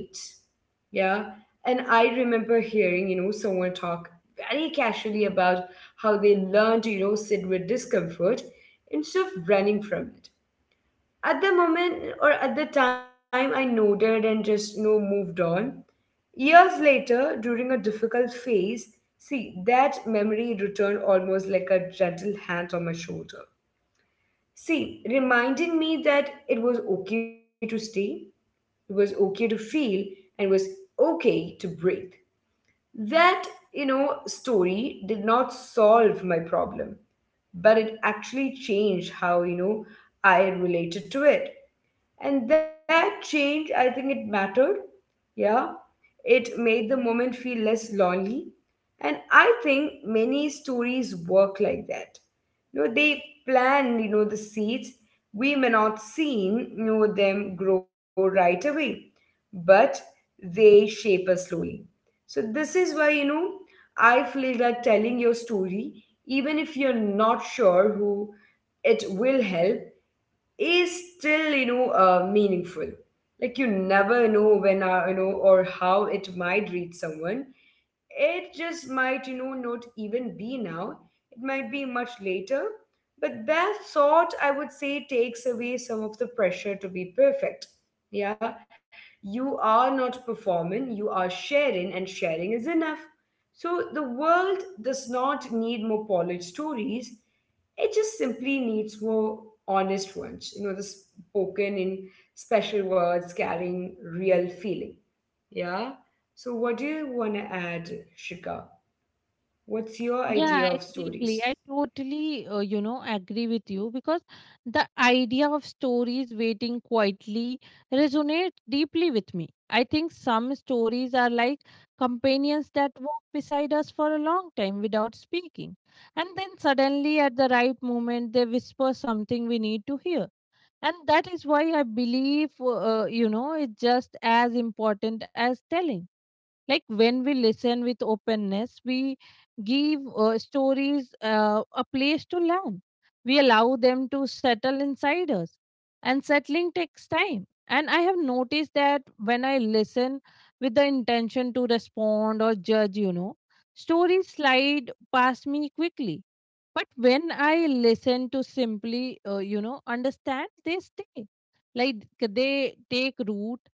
A: Yeah. And I remember hearing, you know, someone talk very casually about how they learn to, you know, sit with discomfort instead of running from it. At the moment or at the time, I nodded and just, you know, moved on. Years later, during a difficult phase, see, that memory returned almost like a gentle hand on my shoulder. See, reminding me that it was okay to stay, it was okay to feel, and it was okay to breathe. That, you know, story did not solve my problem, but it actually changed how, you know, I related to it. And that change, I think it mattered, yeah, it made the moment feel less lonely. And I think many stories work like that. You know, they plan, you know, the seeds. We may not see, you know, them grow right away, but they shape us slowly. So this is why, you know, I feel that telling your story, even if you're not sure who it will help, is still, you know, meaningful. Like you never know when, you know, or how it might reach someone. It just might, you know, not even be now. It might be much later. But that thought, I would say, takes away some of the pressure to be perfect. Yeah. You are not performing, you are sharing, and sharing is enough. So the world does not need more polished stories. It just simply needs more honest ones, you know, the spoken in special words carrying real feeling. Yeah. So, what do you want to add, Shika? What's your
B: Yeah,
A: idea of
B: exactly.
A: stories?
B: I totally, agree with you, because the idea of stories waiting quietly resonates deeply with me. I think some stories are like companions that walk beside us for a long time without speaking. And then suddenly, at the right moment, they whisper something we need to hear. And that is why I believe, it's just as important as telling. Like when we listen with openness, we give stories a place to land. We allow them to settle inside us, and settling takes time. And I have noticed that when I listen with the intention to respond or judge, you know, stories slide past me quickly. But when I listen to simply, understand, they stay. Like they take root.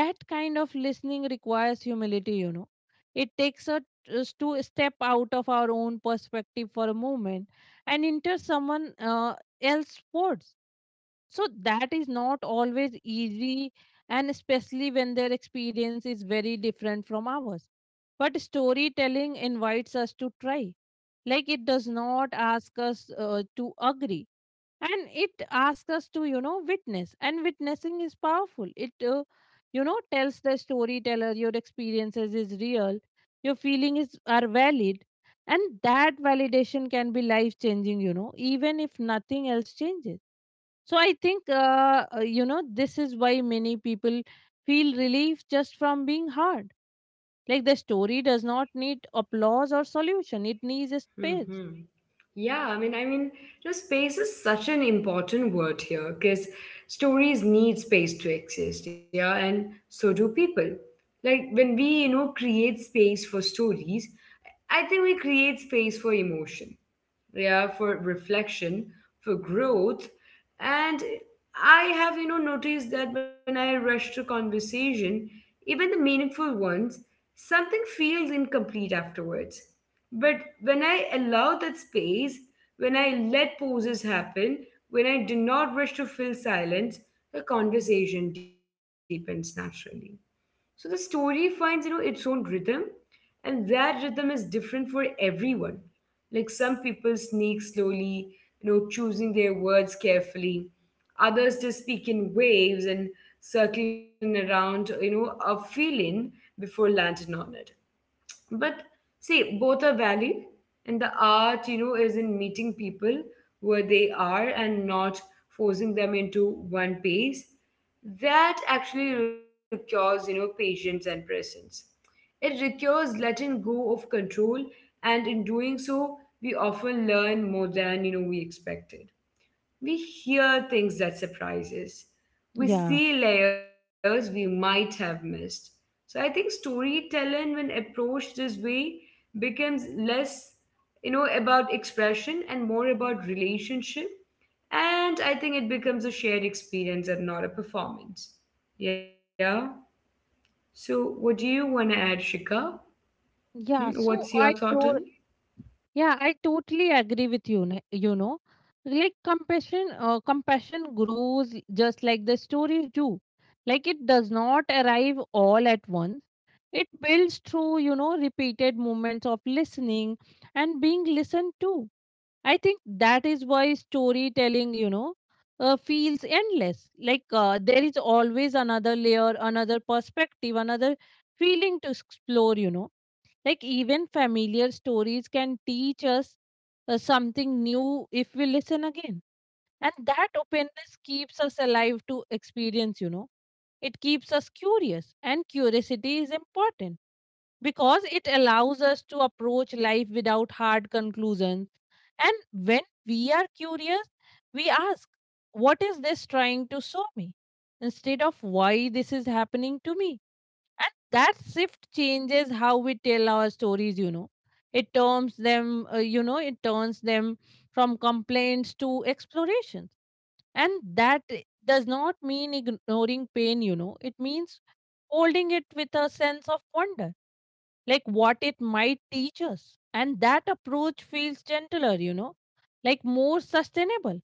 B: That kind of listening requires humility, you know. It takes us to step out of our own perspective for a moment and enter someone else's words. So that is not always easy, and especially when their experience is very different from ours. But storytelling invites us to try. Like it does not ask us to agree, and it asks us to, you know, witness. And witnessing is powerful. It, tells the storyteller your experiences is real, your feelings are valid. And that validation can be life changing, you know, even if nothing else changes. So I think, this is why many people feel relief just from being heard. Like the story does not need applause or solution, it needs a space.
A: Hmm. Yeah, I mean, you know, space is such an important word here because stories need space to exist. Yeah, and so do people. Like when we, you know, create space for stories, I think we create space for emotion, yeah, for reflection, for growth. And I have, you know, noticed that when I rush to conversation, even the meaningful ones, something feels incomplete afterwards. But when I allow that space, when I let pauses happen, when I do not rush to fill silence, the conversation deepens naturally. So the story finds, you know, its own rhythm, and that rhythm is different for everyone. Like some people sneak slowly, you know, choosing their words carefully. Others just speak in waves and circling around, you know, a feeling before landing on it. But see, both are valid, and the art, you know, is in meeting people where they are and not forcing them into one pace. That actually requires, you know, patience and presence. It requires letting go of control, and in doing so, we often learn more than, you know, we expected. We hear things that surprise us. We
B: Yeah.
A: see layers we might have missed. So I think storytelling, when approached this way, becomes less, you know, about expression and more about relationship. And I think it becomes a shared experience and not a performance. Yeah. So what do you want to add, Shika? Hmm.
B: Yeah,
A: What's
B: so
A: your
B: I
A: thought on it?
B: told, yeah, I totally agree with you, you know. Like compassion, compassion grows just like the stories do. Like it does not arrive all at once. It builds through, you know, repeated moments of listening and being listened to. I think that is why storytelling, feels endless. Like there is always another layer, another perspective, another feeling to explore, you know. Like, even familiar stories can teach us something new if we listen again. And that openness keeps us alive to experience, you know. It keeps us curious, and curiosity is important because it allows us to approach life without hard conclusions. And when we are curious, we ask, what is this trying to show me, instead of why this is happening to me. And that shift changes how we tell our stories, you know. It turns them, from complaints to explorations. And does not mean ignoring pain, you know. It means holding it with a sense of wonder, like what it might teach us. And that approach feels gentler, you know, like more sustainable.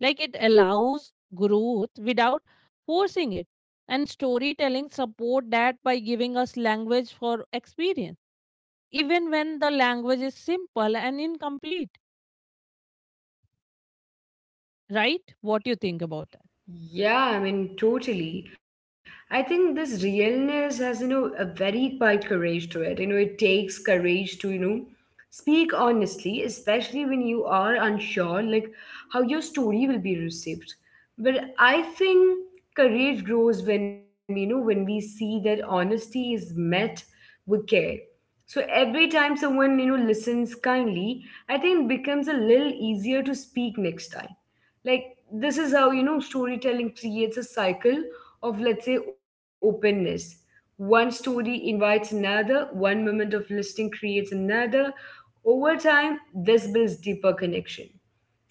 B: Like it allows growth without forcing it. And storytelling support that by giving us language for experience, even when the language is simple and incomplete. Right? What do you think about that?
A: Yeah, I mean, totally. I think this realness has, you know, a very quiet courage to it. You know, it takes courage to, you know, speak honestly, especially when you are unsure, like how your story will be received. But I think courage grows when, we, you know, when we see that honesty is met with care. So every time someone, you know, listens kindly, I think it becomes a little easier to speak next time. Like, this is how, you know, storytelling creates a cycle of, let's say, openness. One story invites another, one moment of listening creates another. Over time, this builds deeper connection,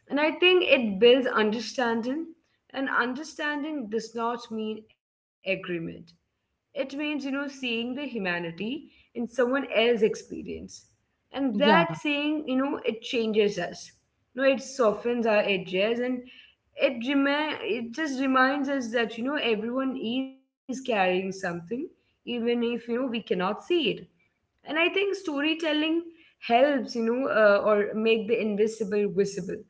A: and I think it builds understanding. And understanding does not mean agreement. It means, you know, seeing the humanity in someone else's experience. And that
B: Yeah.
A: seeing, you know, it changes us. You know, it softens our edges, and it just reminds us that, you know, everyone is carrying something, even if, you know, we cannot see it. And I think storytelling helps, or make the invisible visible,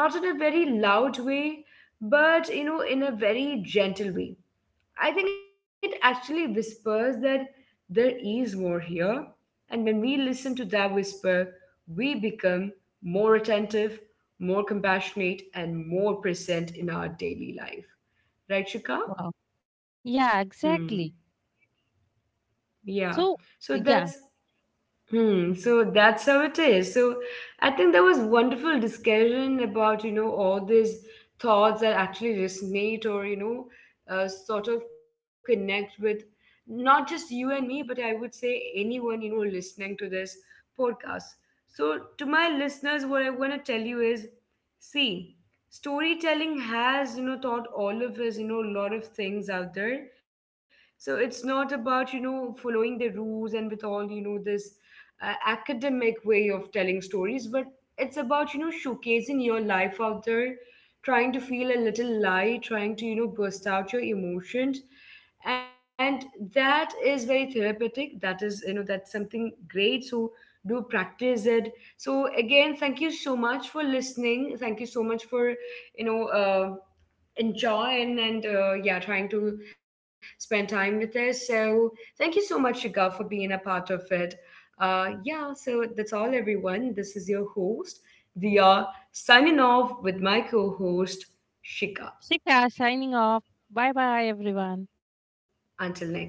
A: not in a very loud way, but, you know, in a very gentle way. I think it actually whispers that there is more here, and when we listen to that whisper, we become more attentive, more compassionate, and more present in our daily life. Right, Shika?
B: Wow. Yeah,
A: Hmm.
B: exactly.
A: Yeah.
B: So,
A: so that's
B: yeah,
A: Hmm, so that's how it is. So I think there was wonderful discussion about, you know, all these thoughts that actually resonate or, you know, sort of connect with not just you and me, but I would say anyone, you know, listening to this podcast. So to my listeners, what I want to tell you is, see, storytelling has, you know, taught all of us, you know, a lot of things out there. So it's not about, you know, following the rules and with all, you know, this academic way of telling stories, but it's about, you know, showcasing your life out there, trying to feel a little light, trying to, you know, burst out your emotions. And that is very therapeutic. That is, you know, that's something great. So do practice it. So again, thank you so much for listening. Thank you so much for, you know, enjoying, and yeah, trying to spend time with us. So thank you so much, Shiga, for being a part of it. Yeah, so that's all, everyone. This is your host, Dia, signing off with my co host, Shika.
B: Sika signing off. Bye bye, everyone.
A: Until next time.